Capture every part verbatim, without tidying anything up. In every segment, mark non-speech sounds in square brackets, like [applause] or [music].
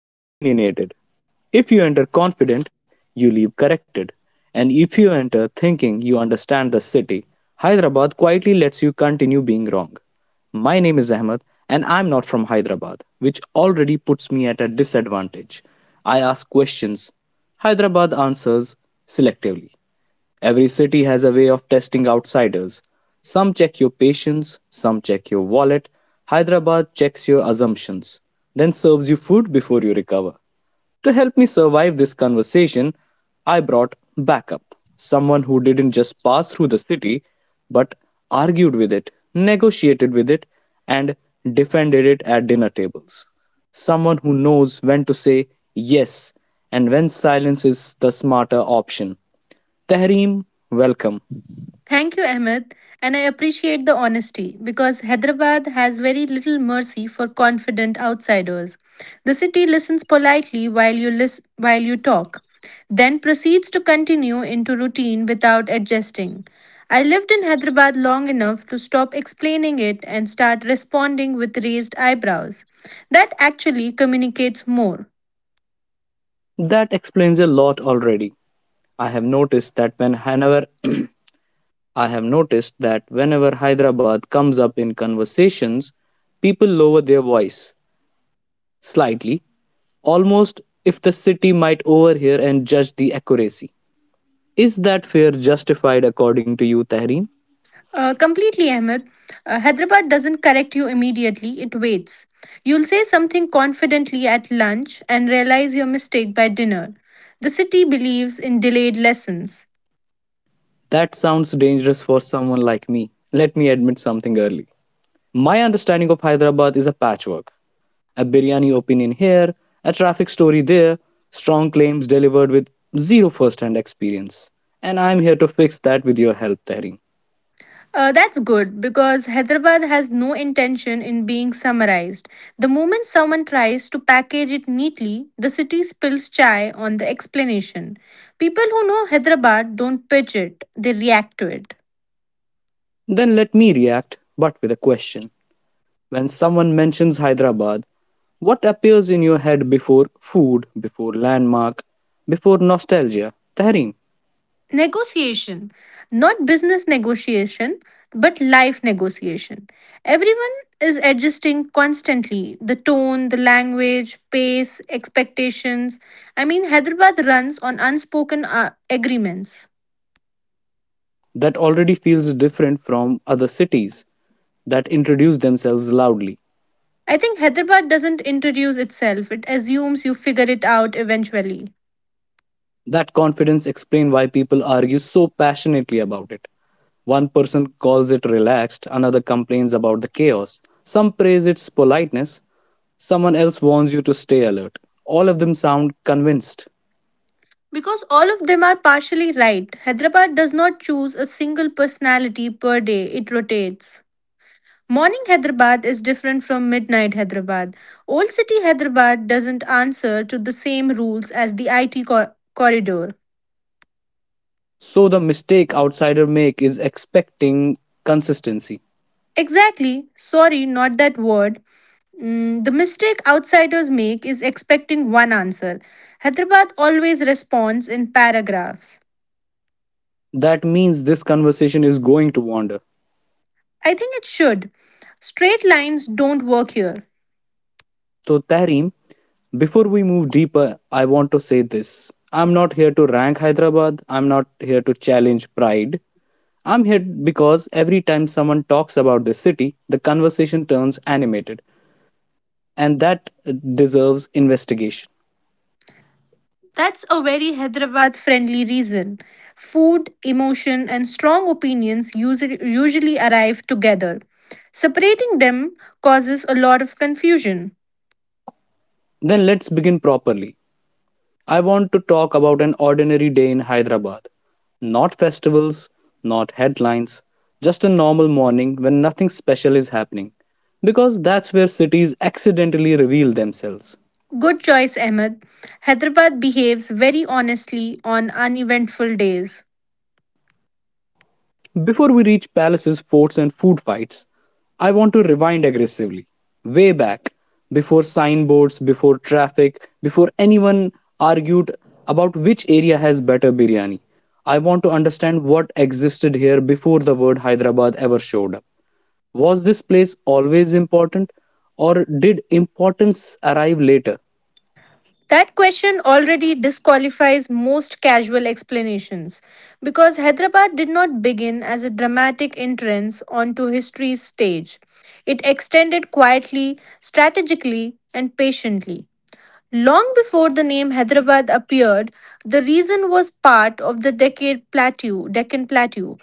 you leave opinionated. If you enter confident, you leave corrected. And if you enter thinking you understand the city, Hyderabad quietly lets you continue being wrong. My name is Ahmed, and I'm not from Hyderabad, which already puts me at a disadvantage. I ask questions. Hyderabad answers selectively. Every city has a way of testing outsiders. Some check your patience, some check your wallet. Hyderabad checks your assumptions, then serves you food before you recover. To help me survive this conversation, I brought backup, someone who didn't just pass through the city, but argued with it, negotiated with it, and defended it at dinner tables. Someone who knows when to say yes and when silence is the smarter option. Tahreem, welcome. Thank you, Ahmed, and I appreciate the honesty because Hyderabad has very little mercy for confident outsiders. The city listens politely while you lis- while you talk, then proceeds to continue into routine without adjusting. I lived in Hyderabad long enough to stop explaining it and start responding with raised eyebrows. That actually communicates more. That explains a lot already. I have noticed that when whenever [clears throat] I have noticed that whenever Hyderabad comes up in conversations, people lower their voice slightly, almost if the city might overhear and judge the accuracy. Is that fear justified according to you, Tahreem? Uh, completely, Ahmed. Uh, Hyderabad doesn't correct you immediately, it waits. You'll say something confidently at lunch and realize your mistake by dinner. The city believes in delayed lessons. That sounds dangerous for someone like me. Let me admit something early. My understanding of Hyderabad is a patchwork: a biryani opinion here, a traffic story there, strong claims delivered with zero first hand experience. And I'm here to fix that with your help, Tehri. Uh, that's good because Hyderabad has no intention in being summarized. The moment someone tries to package it neatly, the city spills chai on the explanation. People who know Hyderabad don't pitch it, they react to it. Then let me react, but with a question. When someone mentions Hyderabad, what appears in your head before food, before landmark, before nostalgia? Tehreem. Negotiation, not business negotiation, but life negotiation. Everyone is adjusting constantly the tone, the language, pace, expectations. I mean, Hyderabad runs on unspoken uh, agreements. That already feels different from other cities that introduce themselves loudly. I think Hyderabad doesn't introduce itself, it assumes you figure it out eventually. That confidence explains why people argue so passionately about it. One person calls it relaxed, another complains about the chaos. Some praise its politeness, someone else warns you to stay alert. All of them sound convinced. Because all of them are partially right. Hyderabad does not choose a single personality per day, it rotates. Morning Hyderabad is different from midnight Hyderabad. Old City Hyderabad doesn't answer to the same rules as the I T cor- corridor. So the mistake outsiders make is expecting consistency. Exactly, sorry, not that word. Mm, the mistake outsiders make is expecting one answer. Hyderabad always responds in paragraphs. That means this conversation is going to wander. I think it should. Straight lines don't work here. So Tareem, before we move deeper, I want to say this. I'm not here to rank Hyderabad. I'm not here to challenge pride. I'm here because every time someone talks about this city, the conversation turns animated, and that deserves investigation. That's a very Hyderabad friendly reason. Food, emotion, and strong opinions usually, usually arrive together. Separating them causes a lot of confusion. Then let's begin properly. I want to talk about an ordinary day in Hyderabad. Not festivals, not headlines, just a normal morning when nothing special is happening. Because that's where cities accidentally reveal themselves. Good choice, Ahmed. Hyderabad behaves very honestly on uneventful days. Before we reach palaces, forts, and food fights, I want to rewind aggressively. Way back, before signboards, before traffic, before anyone argued about which area has better biryani. I want to understand what existed here before the word Hyderabad ever showed up. Was this place always important, or did importance arrive later? That question already disqualifies most casual explanations because Hyderabad did not begin as a dramatic entrance onto history's stage. It extended quietly, strategically, and patiently. Long before the name Hyderabad appeared, the region was part of the decade plateau, Deccan plateau.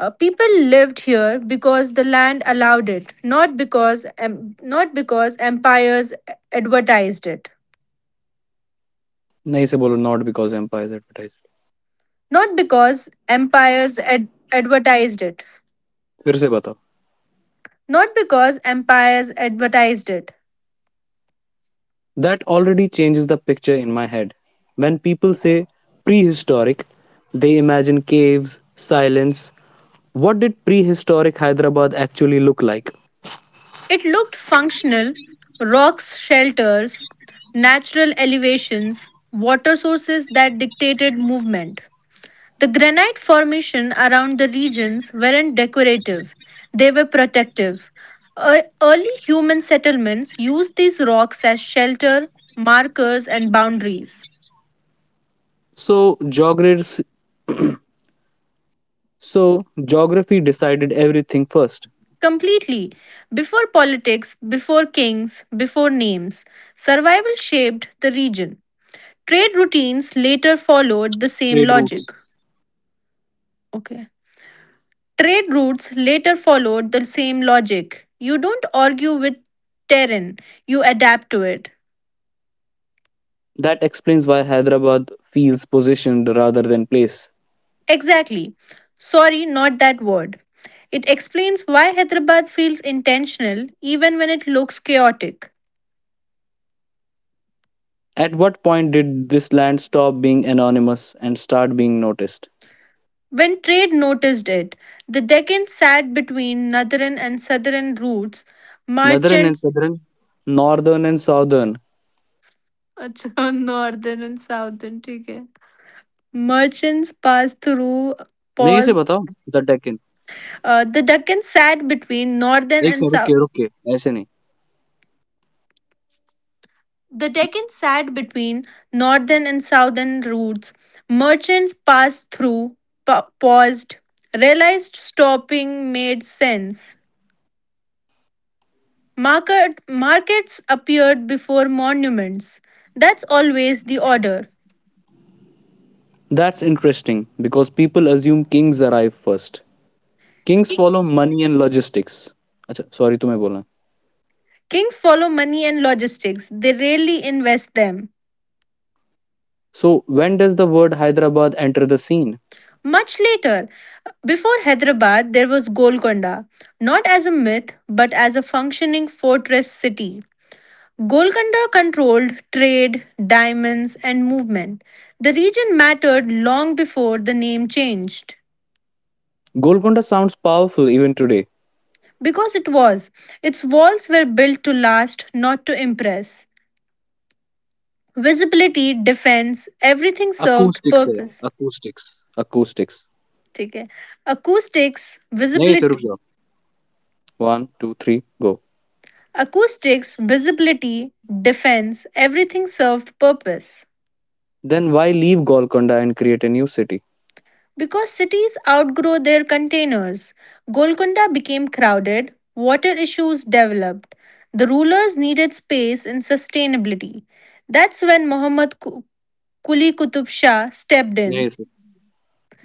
Uh, people lived here because the land allowed it, not because, em- not because empires advertised it. नहीं से बोलो not because empire is advertised. Not because empires ad- advertised it. फिर से बताओ. Not because empires advertised it. That already changes the picture in my head. When people say prehistoric, they imagine caves, silence. What did prehistoric Hyderabad actually look like? It looked functional rocks, shelters, natural elevations, water sources that dictated movement. The granite formation around the regions weren't decorative, they were protective. Ear- Early human settlements used these rocks as shelter, markers, and boundaries. So, geography, so geography decided everything first. Completely. Before politics, before kings, before names, survival shaped the region. Trade routines later followed the same Trade routes. logic. Okay. Trade routes later followed the same logic. You don't argue with terrain, you adapt to it. That explains why Hyderabad feels positioned rather than place. Exactly. Sorry, not that word. It explains why Hyderabad feels intentional even when it looks chaotic. At what point did this land stop being anonymous and start being noticed? When trade noticed it, the Deccan sat between northern and southern routes. Northern and Merchants southern. Northern and southern. अच्छा northern and southern ठीक है. Merchants passed through नहीं से paused. बताओ the Deccan. Uh, the Deccan sat between northern एक and second रुक south. के रुक के ऐसे नहीं. The Deccan sat between northern and southern routes. Merchants passed through, pa- paused, realized stopping made sense. Market, markets appeared before monuments. That's always the order. That's interesting because people assume kings arrive first. Kings follow money and logistics. अच्छा sorry तुम्हें बोलना है. Kings follow money and logistics, they rarely invest them. So when does the word Hyderabad enter the scene? Much later, before Hyderabad, there was Golconda, not as a myth but as a functioning fortress city. Golconda controlled trade, diamonds, and movement. The region mattered long before the name changed. Golconda sounds powerful even today. Because it was, its walls were built to last, not to impress. Visibility defence everything served acoustics है purpose acoustics. Acoustics. ठीक है acoustics नहीं थे रुक visibility जाओ. One, two, three, go. acoustics visibility defense everything served purpose Then why leave Golconda and create a new city? because cities outgrow their containers. Golconda became crowded. Water issues developed. The rulers needed space and sustainability. That's when Muhammad Ku- Kuli Qutub Shah stepped in. नहीं थे.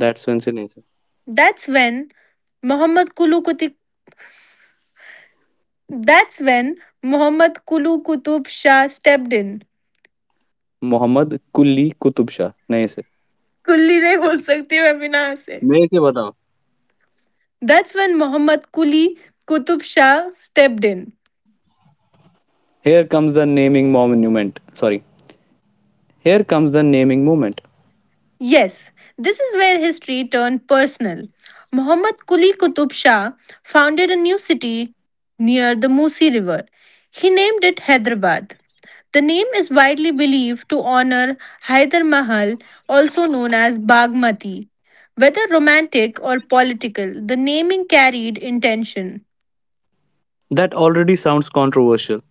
That's when से नहीं से. That's when Muhammad Kulu Kuti. That's when Mohammad Kulu Qutub Shah stepped in. Mohammad Kulli Qutub Shah नहीं से. कुल्ली नहीं बोल सकती मैं बिना से नहीं थे बताओ. That's when Mohammad Kuli Qutub Shah stepped in. Here comes the naming monument. Sorry, Here comes the naming moment. Yes, this is where history turned personal. Muhammad Quli Qutub Shah founded a new city near the Musi River. He named it Hyderabad. The name is widely believed to honor Hyder Mahal, also known as Bagmati. Whether romantic or political, the naming carried intention. That already sounds controversial.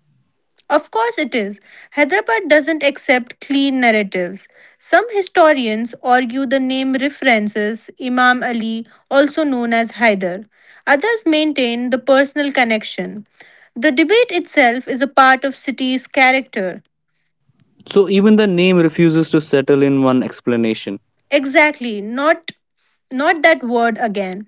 Of course it is. Hyderabad doesn't accept clean narratives. Some historians argue the name references Imam Ali, also known as Hyder. Others maintain the personal connection. The debate itself is a part of city's character. So even the name refuses to settle in one explanation. Exactly, not not that word again.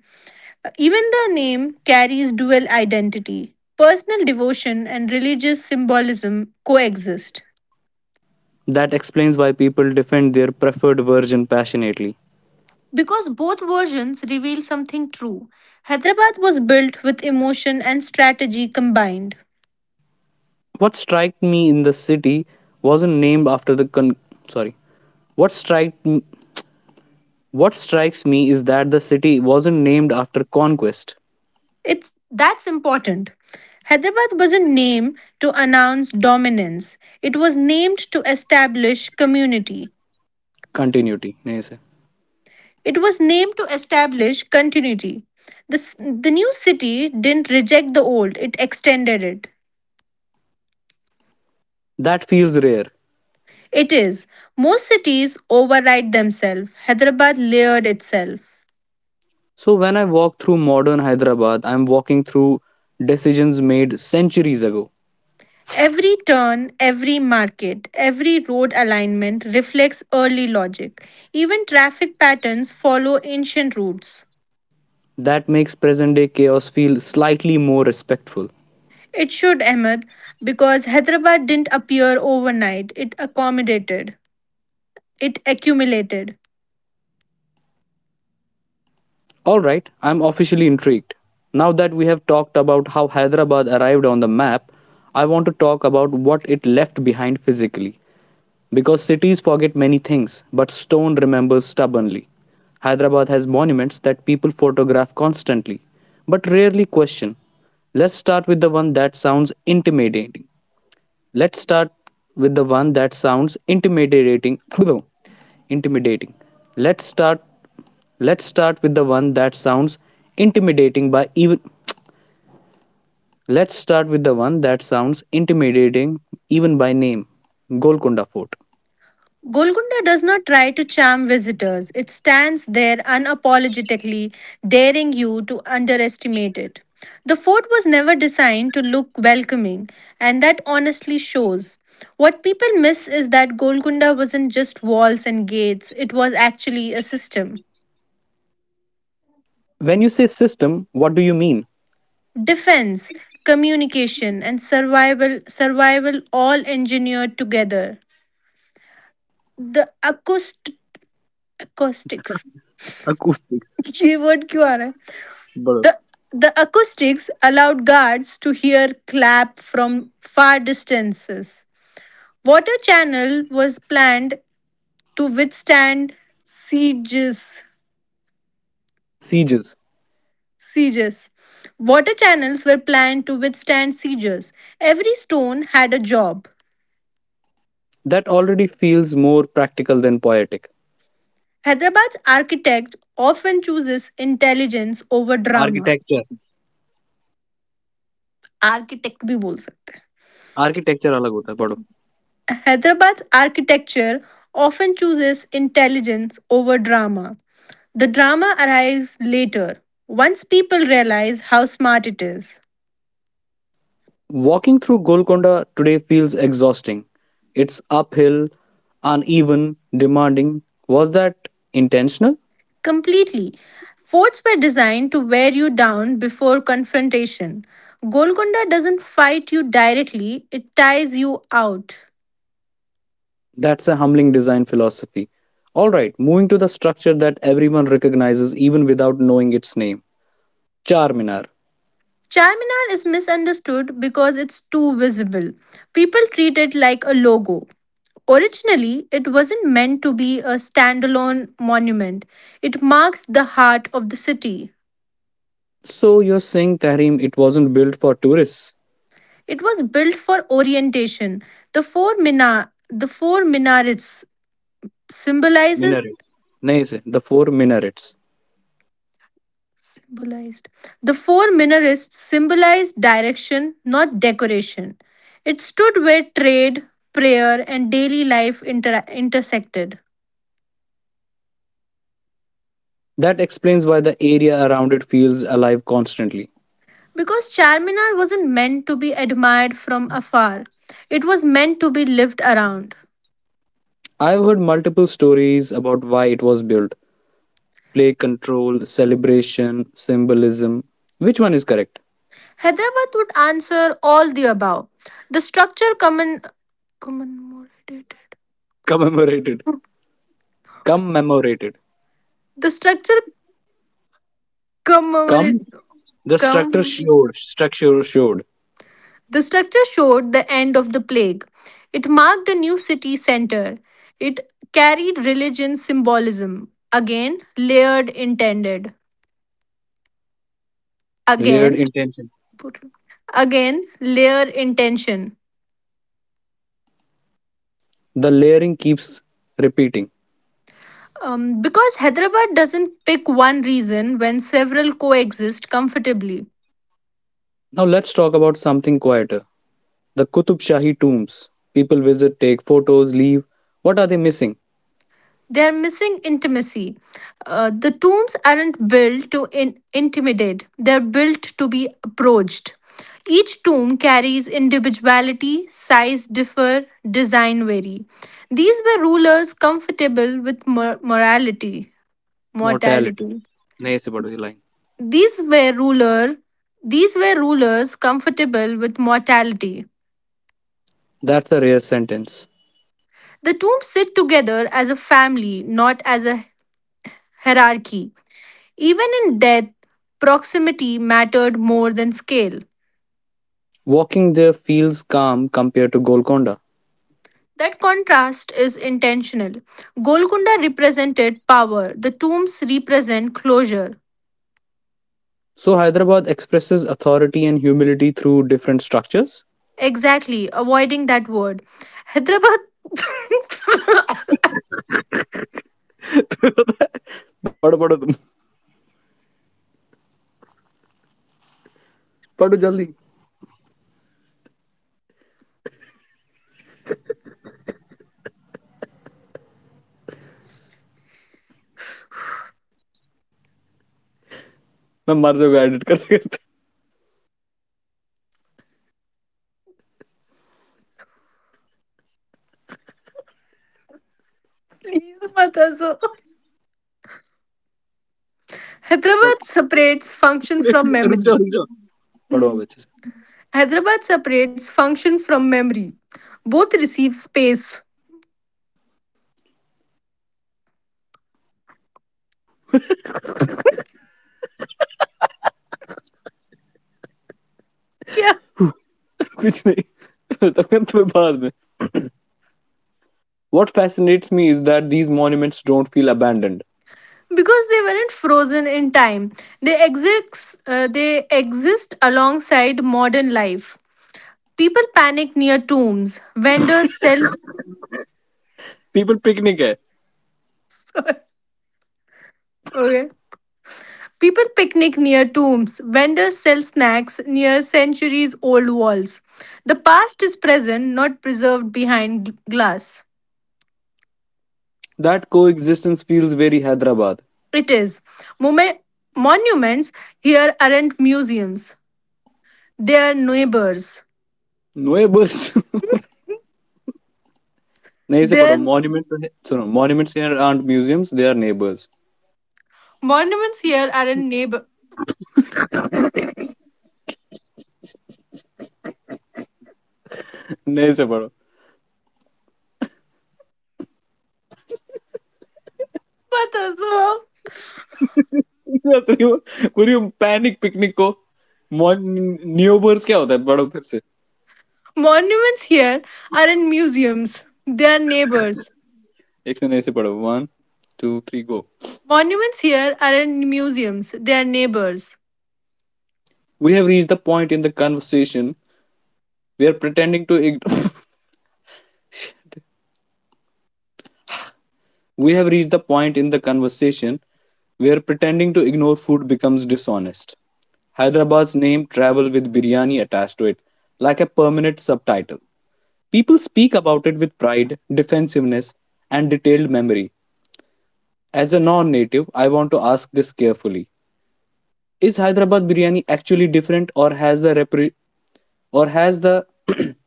Even the name carries dual identity. Personal devotion and religious symbolism coexist. That explains why people defend their preferred version passionately. Because both versions reveal something true. Hyderabad was built with emotion and strategy combined. What struck me in the city wasn't named after the con- sorry. What strike what strikes me is that the city wasn't named after conquest It's that's important. Hyderabad wasn't named to announce dominance. It was named to establish community. continuity. It was named to establish continuity. This, the new city didn't reject the old, it extended it. That feels rare. It is. Most cities override themselves. Hyderabad layered itself. So when I walk through modern Hyderabad, I'm walking through decisions made centuries ago. Every turn, every market, every road alignment reflects early logic. Even traffic patterns follow ancient routes. That makes present day chaos feel slightly more respectful. It should, Ahmed, because Hyderabad didn't appear overnight, it accommodated, it accumulated. Alright, I'm officially intrigued. Now that we have talked about how Hyderabad arrived on the map, I want to talk about what it left behind physically. Because cities forget many things, but stone remembers stubbornly. Hyderabad has monuments that people photograph constantly, but rarely question. Let's start with the one that sounds intimidating Let's start with the one that sounds intimidating. [laughs] intimidating. Let's start let's start with the one that sounds intimidating by even let's start with the one that sounds intimidating even by name. Golconda Fort. Golconda does not try to charm visitors, it stands there unapologetically, daring you to underestimate it. The fort was never designed to look welcoming, and that honestly shows. What people miss is that Golconda wasn't just walls and gates, it was actually a system. When you say system, what do you mean? Defense, communication, and survival, survival all engineered together. The acoust- acoustics. Acoustics, [laughs] ये word क्यों आ रहा है? brother. The, the acoustics allowed guards to hear clap from far distances. Water channel was planned to withstand sieges. Sieges. Sieges. Water channels were planned to withstand sieges. Every stone had a job. That already feels more practical than poetic. Hyderabad's architect often chooses intelligence over drama. Architecture. Architect भी बोल सकते Architecture अलग होता है. हैं Hyderabad architecture often chooses intelligence over drama The drama arrives later, once people realize how smart it is. Walking through Golconda today feels exhausting. It's uphill, uneven, demanding. Was that intentional? Completely. Forts were designed to wear you down before confrontation. Golconda doesn't fight you directly, it ties you out. That's a humbling design philosophy. All right, moving to the structure that everyone recognizes even without knowing its name: Charminar. Charminar is misunderstood because it's too visible. People treat it like a logo. Originally, it wasn't meant to be a standalone monument, it marked the heart of the city. So you're saying, Tahrim, it wasn't built for tourists? It was built for orientation. The four mina, the four minarets symbolizes Minaret. Nahi se, the four minarets. symbolized. The four minarets symbolized direction, not decoration. It stood where trade, prayer, and daily life inter- intersected. That explains why the area around it feels alive constantly. Because Charminar wasn't meant to be admired from afar, it was meant to be lived around. I've heard multiple stories about why it was built: play control, celebration, symbolism. Which one is correct? Hyderabad would answer all the above. The structure common, commemorated. Commemorated. Commemorated. The structure Come, commemorative. the structure Com- showed, structure showed, the structure showed the end of the plague. It marked a new city center. It carried religion symbolism. Again, layered intended. layered Again, intention. again, layer intention. The layering keeps repeating. Um, because Hyderabad doesn't pick one reason when several coexist comfortably. Now let's talk about something quieter. The Qutub Shahi tombs. People visit, take photos, leave. What are they missing? They're missing intimacy. Uh, the tombs aren't built to in- intimidate, they're built to be approached. Each tomb carries individuality, size differ, design vary. These were rulers comfortable with mor- morality, Mortality. mortality. These were ruler these were rulers comfortable with mortality. That's a rare sentence. The tombs sit together as a family, not as a hierarchy. Even in death, proximity mattered more than scale. Walking there feels calm compared to Golconda. That contrast is intentional. Golconda represented power, the tombs represent closure. So Hyderabad expresses authority and humility through different structures. Exactly, avoiding that word. Hyderabad. [laughs] पढ़ो पढ़ो तुम पढ़ो जल्दी, मैं मर जाऊंगा edit करते करते. Please, Matazo. Hyderabad separates function from रुक जाओ memory. रुक जाओ. पढ़ो अब Hmm. अच्छे से. Hyderabad separates function from memory. Both receive space. क्या कुछ नहीं तब फिर तुम्हें बाद में. [laughs] What fascinates me is that these monuments don't feel abandoned. because they weren't frozen in time. They exist, uh, they exist alongside modern life. People panic near tombs. Vendors sell. People picnic है. Okay. People picnic near tombs. Vendors sell snacks near centuries old walls. The past is present, not preserved behind gl- glass. That coexistence feels very Hyderabad. It is. Mome- monuments here aren't museums, they are neighbors. Neighbors. [laughs] नए से पढ़ो. Their Monuments सुनो. Monuments here aren't museums, they are neighbors. monuments here aren't neighbors. नए से पढ़ो. But as well. [laughs] पूरी पूरी panic picnic को मॉर्निंग न्यू वर्ड्स क्या होता है पढ़ो फिर से. Monuments here aren't museums, they're neighbors. एक से नए से पढ़ो. One two three go. Monuments here aren't museums, they're neighbors. We have reach the point in the conversation we are pretending to we have reach the point in the conversation. [laughs] where pretending to ignore food becomes dishonest. Hyderabad's name travel with biryani attached to it, like a permanent subtitle. People speak about it with pride, defensiveness, and detailed memory. As a non native, I want to ask this carefully. Is Hyderabad biryani actually different, or has the repre- or has the [clears throat]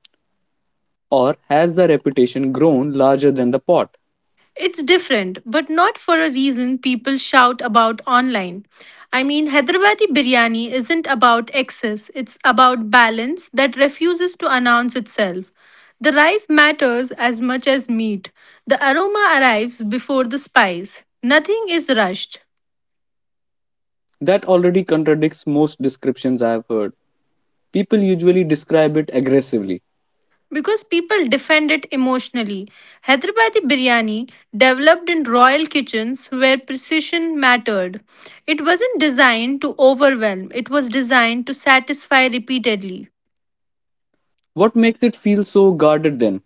or has the reputation grown larger than the pot? It's different, but not for a reason people shout about online. I mean, Hyderabadi biryani isn't about excess, it's about balance that refuses to announce itself. The rice matters as much as meat. The aroma arrives before the spice. Nothing is rushed. That already contradicts most descriptions I have heard. People usually describe it aggressively. Because people defend it emotionally. Hyderabadi biryani developed in royal kitchens where precision mattered. It wasn't designed to overwhelm, it was designed to satisfy repeatedly. What makes it feel so guarded then?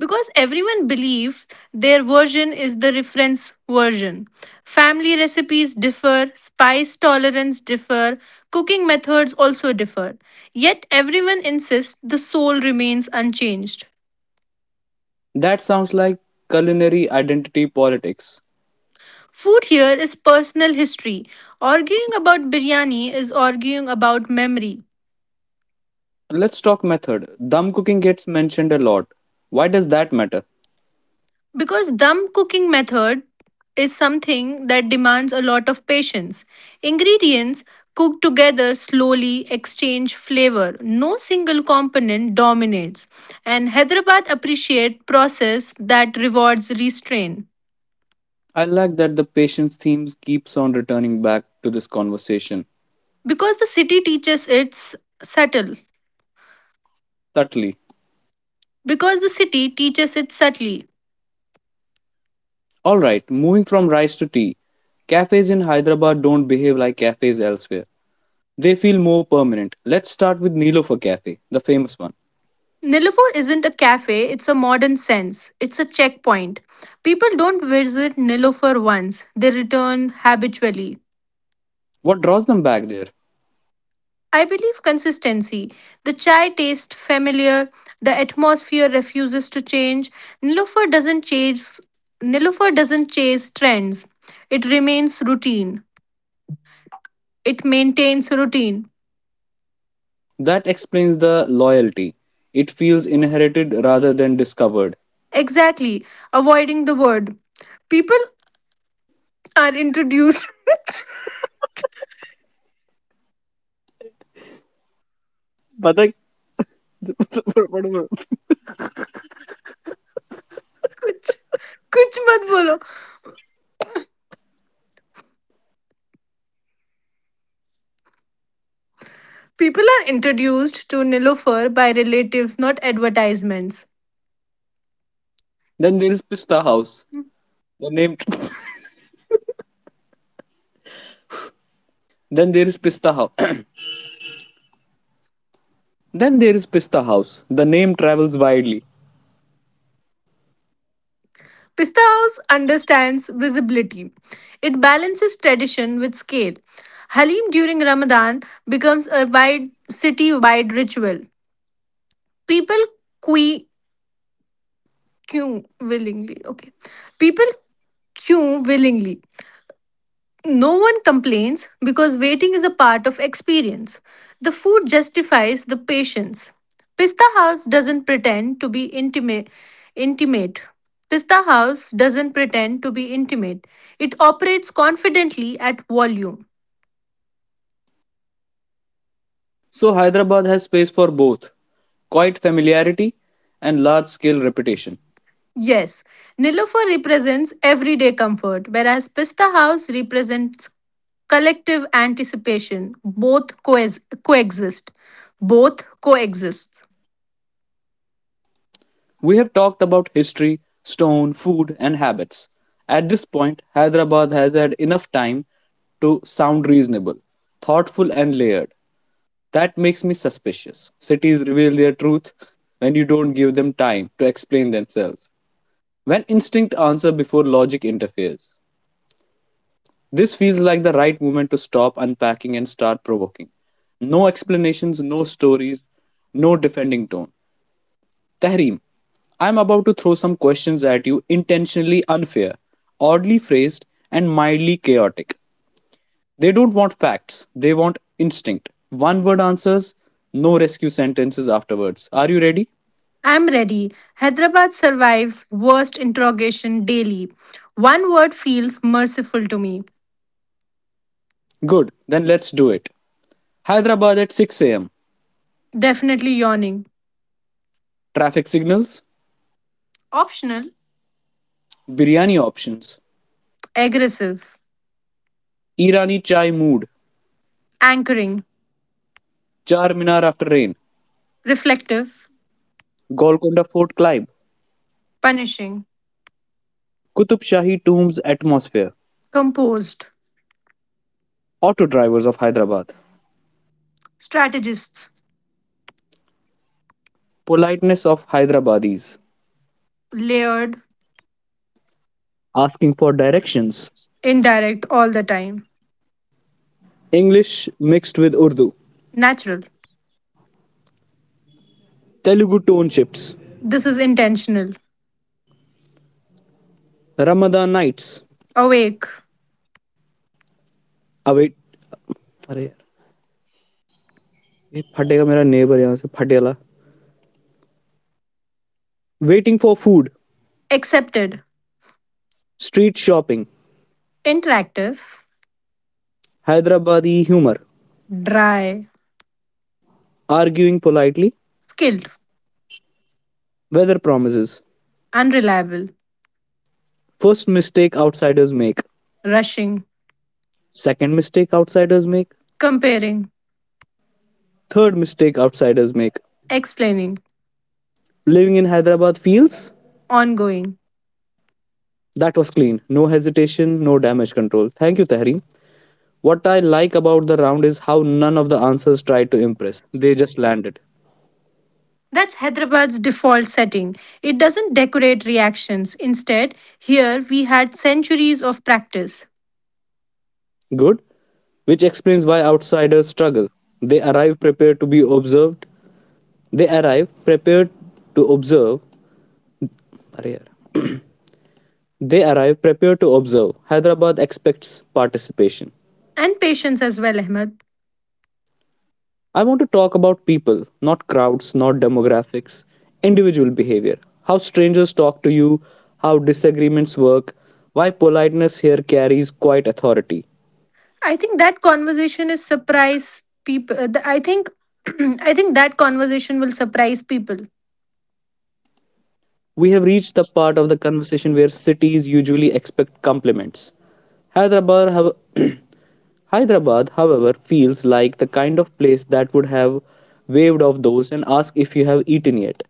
Because everyone believes their version is the reference version. Family recipes differ, spice tolerance differ, cooking methods also differ. Yet everyone insists the soul remains unchanged. That sounds like culinary identity politics. Food here is personal history. Arguing about biryani is arguing about memory. Let's talk method. Dum cooking gets mentioned a lot. Why does that matter? Because dum cooking method is something that demands a lot of patience. Ingredients cook together slowly, exchange flavor. No single component dominates. And Hyderabad appreciates process that rewards restraint. I like that the patience themes keeps on returning back to this conversation Because the city teaches its subtle. subtly. Because the city teaches it subtly. Alright, moving from rice to tea. Cafes in Hyderabad don't behave like cafes elsewhere. They feel more permanent. Let's start with Nilofer Cafe, the famous one. Nilufar isn't a cafe, it's a modern sense. It's a checkpoint. People don't visit Nilufar once, they return habitually. What draws them back there? I believe consistency. The chai tastes familiar, the atmosphere refuses to change. Nilufar doesn't chase Nilufar doesn't chase trends. It remains routine. It maintains routine. That explains the loyalty. It feels inherited rather than discovered. Exactly. Avoiding the word. People are introduced. [laughs] But like, कुछ कुछ मत बोलो People are introduced to Nilofer by relatives, not advertisements. [laughs] Then there is Pista House. The name. [laughs] then there is Pista House. [clears throat] Then there is Pista House. The name travels widely. Pista House understands visibility. It balances tradition with scale. Halim during Ramadan becomes a wide city-wide ritual. People que- queue willingly. Okay, people queue willingly. No one complains because waiting is a part of experience. The food justifies the patience. Pista House doesn't pretend to be intimate. intimate. Pista House doesn't pretend to be intimate. It operates confidently at volume. So Hyderabad has space for both quiet familiarity and large scale reputation. Yes, Nilofer represents everyday comfort, whereas Pista House represents collective anticipation. Both coes- coexist. Both coexist. We have talked about history, stone, food, and habits. At this point, Hyderabad has had enough time to sound reasonable, thoughtful, and layered. That makes me suspicious. Cities reveal their truth when you don't give them time to explain themselves, when instinct answers before logic interferes. This feels like the right moment to stop unpacking and start provoking. No explanations, no stories, no defending tone. Tahreem, I'm about to throw some questions at you, intentionally unfair, oddly phrased, and mildly chaotic. They don't want facts, they want instinct. One word answers, no rescue sentences afterwards. Are you ready? I'm ready. Hyderabad survives worst interrogation daily. One word feels merciful to me. Good, then let's do it. Hyderabad at six a m. Definitely yawning. Traffic signals, Optional. biryani options, Aggressive. Irani chai mood, Anchoring. Charminar after rain, Reflective. Golconda Fort climb, Punishing. Qutub Shahi tombs atmosphere, Composed. auto drivers of Hyderabad, Strategists. politeness of Hyderabadis, Layered. asking for directions, Indirect all the time. English mixed with Urdu, Natural. Telugu tone shifts, This is intentional. Ramadan nights, Awake. await. अरे यार, ये फटेगा मेरा neighbour यहाँ से फटेला. Waiting for food. Accepted. Street shopping. Interactive. Hyderabadi humour. Dry. Arguing politely. Skilled. Weather promises. Unreliable. First mistake outsiders make. Rushing. Second mistake outsiders make. Comparing. Third mistake outsiders make. Explaining Living in Hyderabad feels. ongoing. That was clean. No hesitation, no damage control. Thank you, Tahrim. What I like about the round is how none of the answers tried to impress. They just landed. That's Hyderabad's default setting. It doesn't decorate reactions. Instead, here we had centuries of practice Good? Which explains why outsiders struggle. They arrive prepared to be observed. They arrive prepared to observe. अरे यार. They arrive prepared to observe. Hyderabad expects participation. and patience as well, Ahmed. I want to talk about people, not crowds, not demographics, individual behavior, how strangers talk to you, how disagreements work, why politeness here carries quite authority. I think that conversation is surprise people. I think, [clears throat] I think that conversation will surprise people. We have reached the part of the conversation where cities usually expect compliments. Hyderabad, how- [clears throat] Hyderabad, however, feels like the kind of place that would have waved off those and asked if you have eaten yet,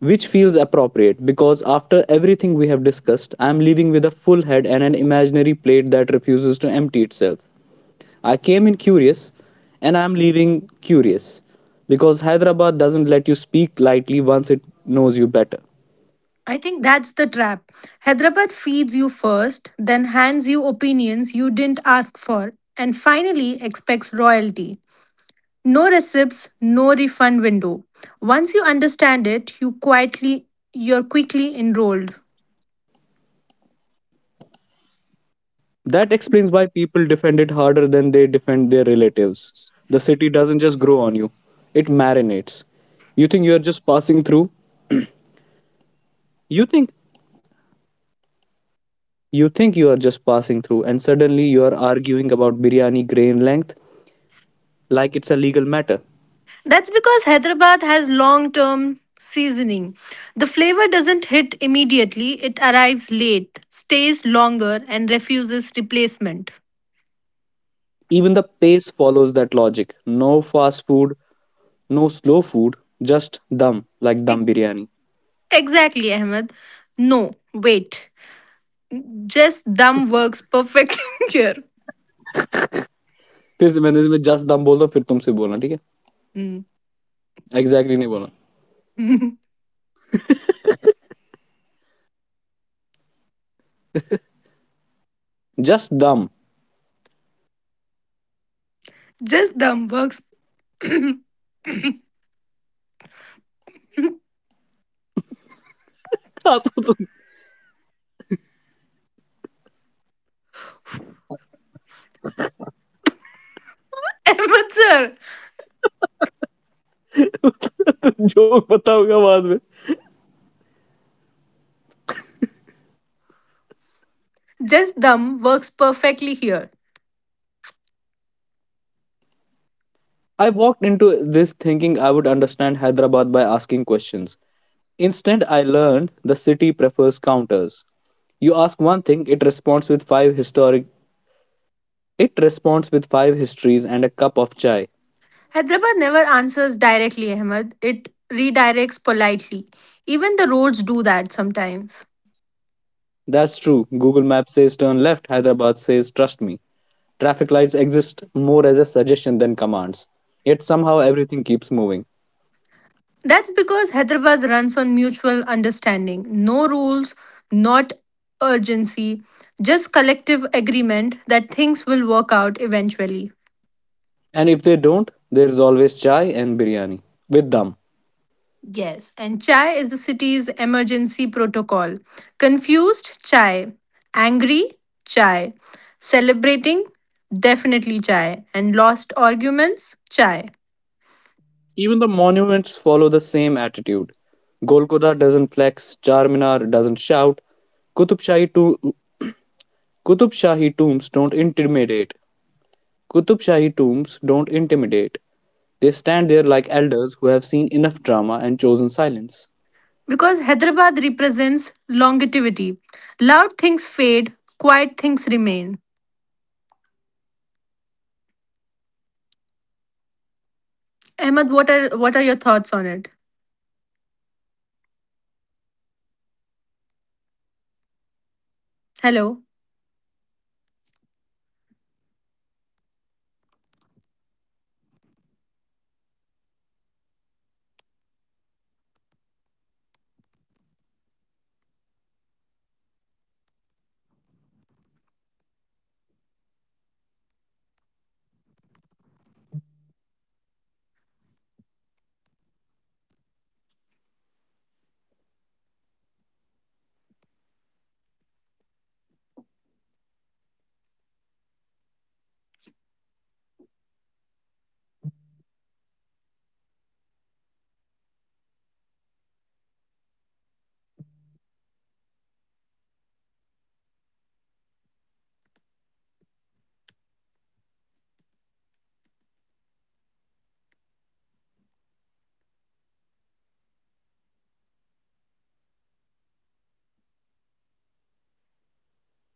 which feels appropriate because after everything we have discussed, I am leaving with a full head and an imaginary plate that refuses to empty itself. I came in curious, and I am leaving curious because Hyderabad doesn't let you speak lightly once it knows you better. I think that's the trap. Hyderabad feeds you first, then hands you opinions you didn't ask for, and finally expects royalty. No receipts, no refund window. Once you understand it, you quietly you're quickly enrolled. That explains why people defend it harder than they defend their relatives. The city doesn't just grow on you, it marinates. You think you are just passing through? You think you think you are just passing through and suddenly you are arguing about biryani grain length like it's a legal matter. That's because Hyderabad has long-term seasoning. The flavor doesn't hit immediately, it arrives late, stays longer and refuses replacement. Even the pace follows that logic. No fast food, no slow food, just dum like dum Ex- biryani. exactly, Ahmed. No, wait. Just dumb works perfectly [laughs] here. फिर से मैंने इसमें just दम बोल दो फिर तुमसे बोलना ठीक है. Mm. एग्जैक्टली नहीं बोलना. [laughs] जस्ट दम. Just dumb works [laughs] तो तुम [laughs] Ahmed sir. जोक बताऊंगा बाद में. Just dumb works perfectly here. I walked into this thinking I would understand Hyderabad by asking questions. Instead, I learned the city prefers counters. You ask one thing, it responds with five historic it responds with five histories and a cup of chai. Hyderabad never answers directly, Ahmed. It redirects politely. Even the roads do that sometimes. That's true. Google Maps says turn left, Hyderabad says trust me. Traffic lights exist more as a suggestion than commands. Yet somehow everything keeps moving. That's because Hyderabad runs on mutual understanding. No rules, not urgency, just collective agreement that things will work out eventually. And if they don't, there is always chai and biryani with dum. Yes, and chai is the city's emergency protocol. Confused, chai. Angry, chai. Celebrating, definitely chai. And lost arguments, chai. Even the monuments follow the same attitude. Golconda doesn't flex, Charminar doesn't shout, Qutub Shahi, to- Qutub Shahi tombs don't intimidate. Qutub Shahi tombs don't intimidate. They stand there like elders who have seen enough drama and chosen silence. Because Hyderabad represents longevity. Loud things fade, quiet things remain. आवाज चली गई. Ahmed, what are what are your thoughts on it? आवाज चली गई तुम्हारी. Hello.